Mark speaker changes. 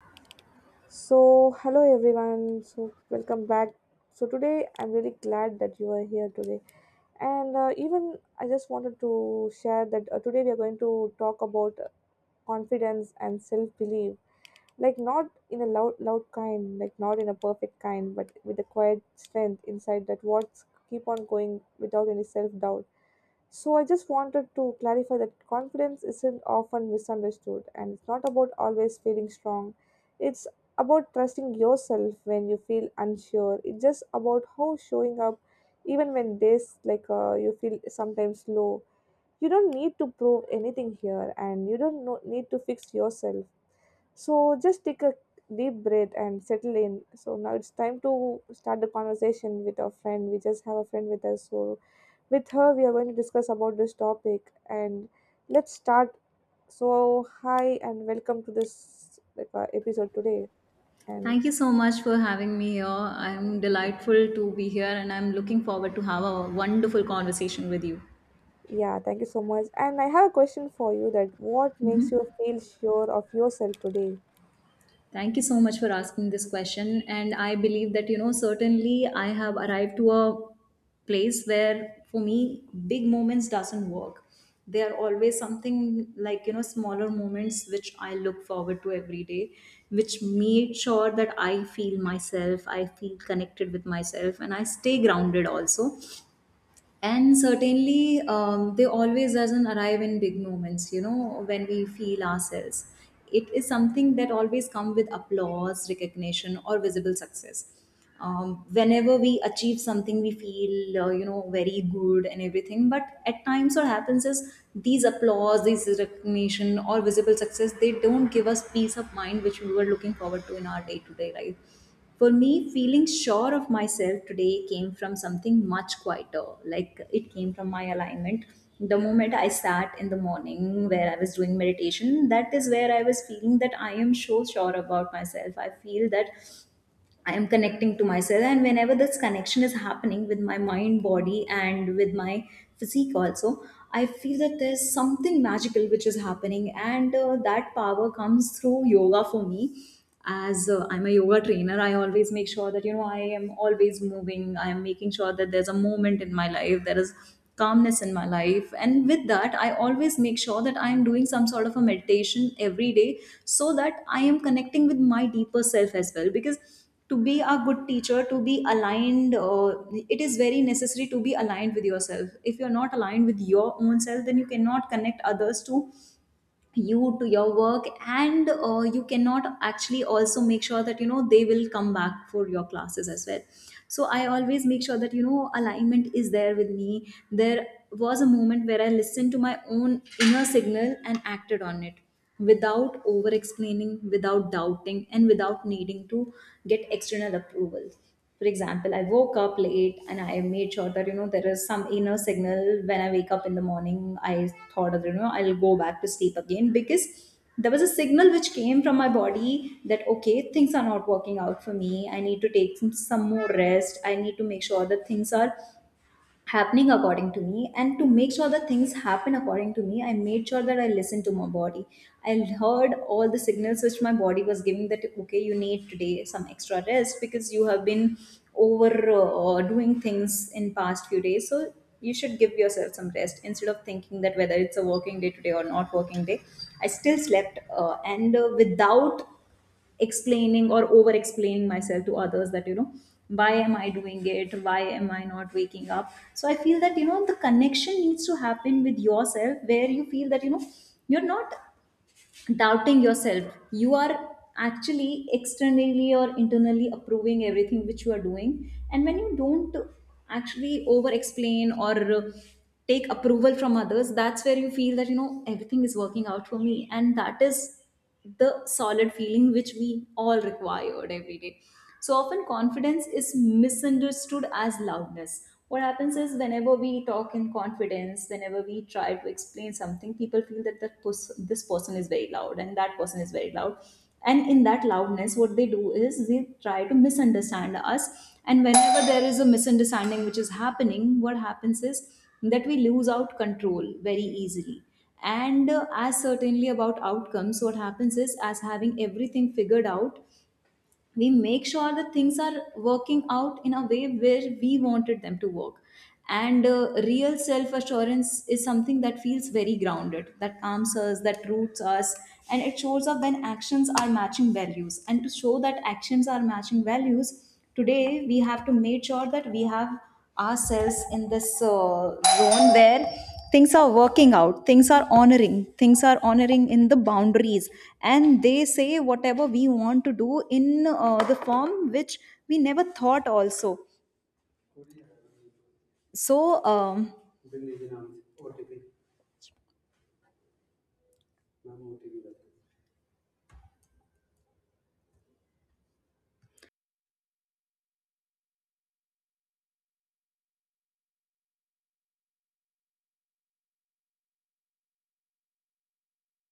Speaker 1: So, hello everyone. So, welcome back. So, today I'm really glad that you are here today and even I just wanted to share that today we are going to talk about confidence and self belief, like not in a loud loud kind, like not in a perfect kind, but with a quiet strength inside, that words keep on going without any self doubt. So I just wanted to clarify that confidence isn't often misunderstood, and it's not about always feeling strong. It's about trusting yourself when you feel unsure. It's just about how showing up even when this like you feel sometimes low. You don't need to prove anything here, and you don't know, need to fix yourself. So just take a deep breath and settle in. So now it's time to start the conversation with our friend. We just have a friend with us, so with her we are going to discuss about this topic, and let's start. So hi, and welcome to this episode today. And
Speaker 2: Thank you so much for having me here. I'm delightful to be here and I'm looking forward to have a wonderful conversation with you.
Speaker 1: yeah, thank you so much. And I have a question for you, that what makes you feel sure of yourself today?
Speaker 2: Thank you so much for asking this question and I believe that you know certainly I have arrived to a place where for me big moments doesn't work. They are always something like you know smaller moments which I look forward to every day which made sure that I feel myself, I feel connected with myself and I stay grounded also and certainly they always doesn't arrive in big moments you know when we feel ourselves, it is something that always come with applause recognition or visible success. Um, whenever we achieve something we feel you know very good and everything, but at times what happens is these applause these recognition or visible success they don't give us peace of mind which we were looking forward to in our day-to-day life. For me, feeling sure of myself today came from something much quieter. Like it came from my alignment. The moment I sat in the morning where I was doing meditation, that is where I was feeling that I am so sure about myself. I feel that I am connecting to myself. And whenever this connection is happening with my mind, body, and with my physique, also, I feel that there's something magical which is happening. And that power comes through yoga for me. As I'm a yoga trainer, I always make sure that, you know, I am always moving. I am making sure that there's a moment in my life, there is calmness in my life. And with that, I always make sure that I am doing some sort of a meditation every day so that I am connecting with my deeper self as well. Because to be a good teacher, to be aligned, it is very necessary to be aligned with yourself. If you're not aligned with your own self, then you cannot connect others to you, to your work, and you cannot actually also make sure that you know they will come back for your classes as well. So I always make sure that you know alignment is there with me. There was a moment where I listened to my own inner signal and acted on it without over explaining, without doubting, and without needing to get external approval. For example, I woke up late and I made sure that you know there is some inner signal. When I wake up in the morning I thought that you know I'll go back to sleep again, because there was a signal which came from my body that okay, things are not working out for me, I need to take some more rest. I need to make sure that things are happening according to me, and to make sure that things happen according to me I made sure that I listened to my body. I heard all the signals which my body was giving that okay, you need today some extra rest because you have been over doing things in past few days, so you should give yourself some rest instead of thinking that whether it's a working day today or not working day. I still slept and without explaining or over explaining myself to others, that you know why am I doing it, why am I not waking up. So I feel that you know the connection needs to happen with yourself, where you feel that you know you're not doubting yourself, you are actually externally or internally approving everything which you are doing, and when you don't actually over explain or take approval from others, that's where you feel that you know everything is working out for me, and that is the solid feeling which we all required every day. So often, confidence is misunderstood as loudness. What happens is, whenever we talk in confidence, whenever we try to explain something, people feel that this person is very loud and that person is very loud. And in that loudness, what they do is they try to misunderstand us. And whenever there is a misunderstanding which is happening, what happens is that we lose out control very easily, and as certainly about outcomes what happens is as having everything figured out we make sure that things are working out in a way where we wanted them to work. And real self assurance is something that feels very grounded, that calms us, that roots us, and it shows up when actions are matching values. And to show that actions are matching values today, we have to make sure that we have ourselves in this zone where things are working out, things are honoring, things are honoring in the boundaries, and they say whatever we want to do in the form which we never thought also. So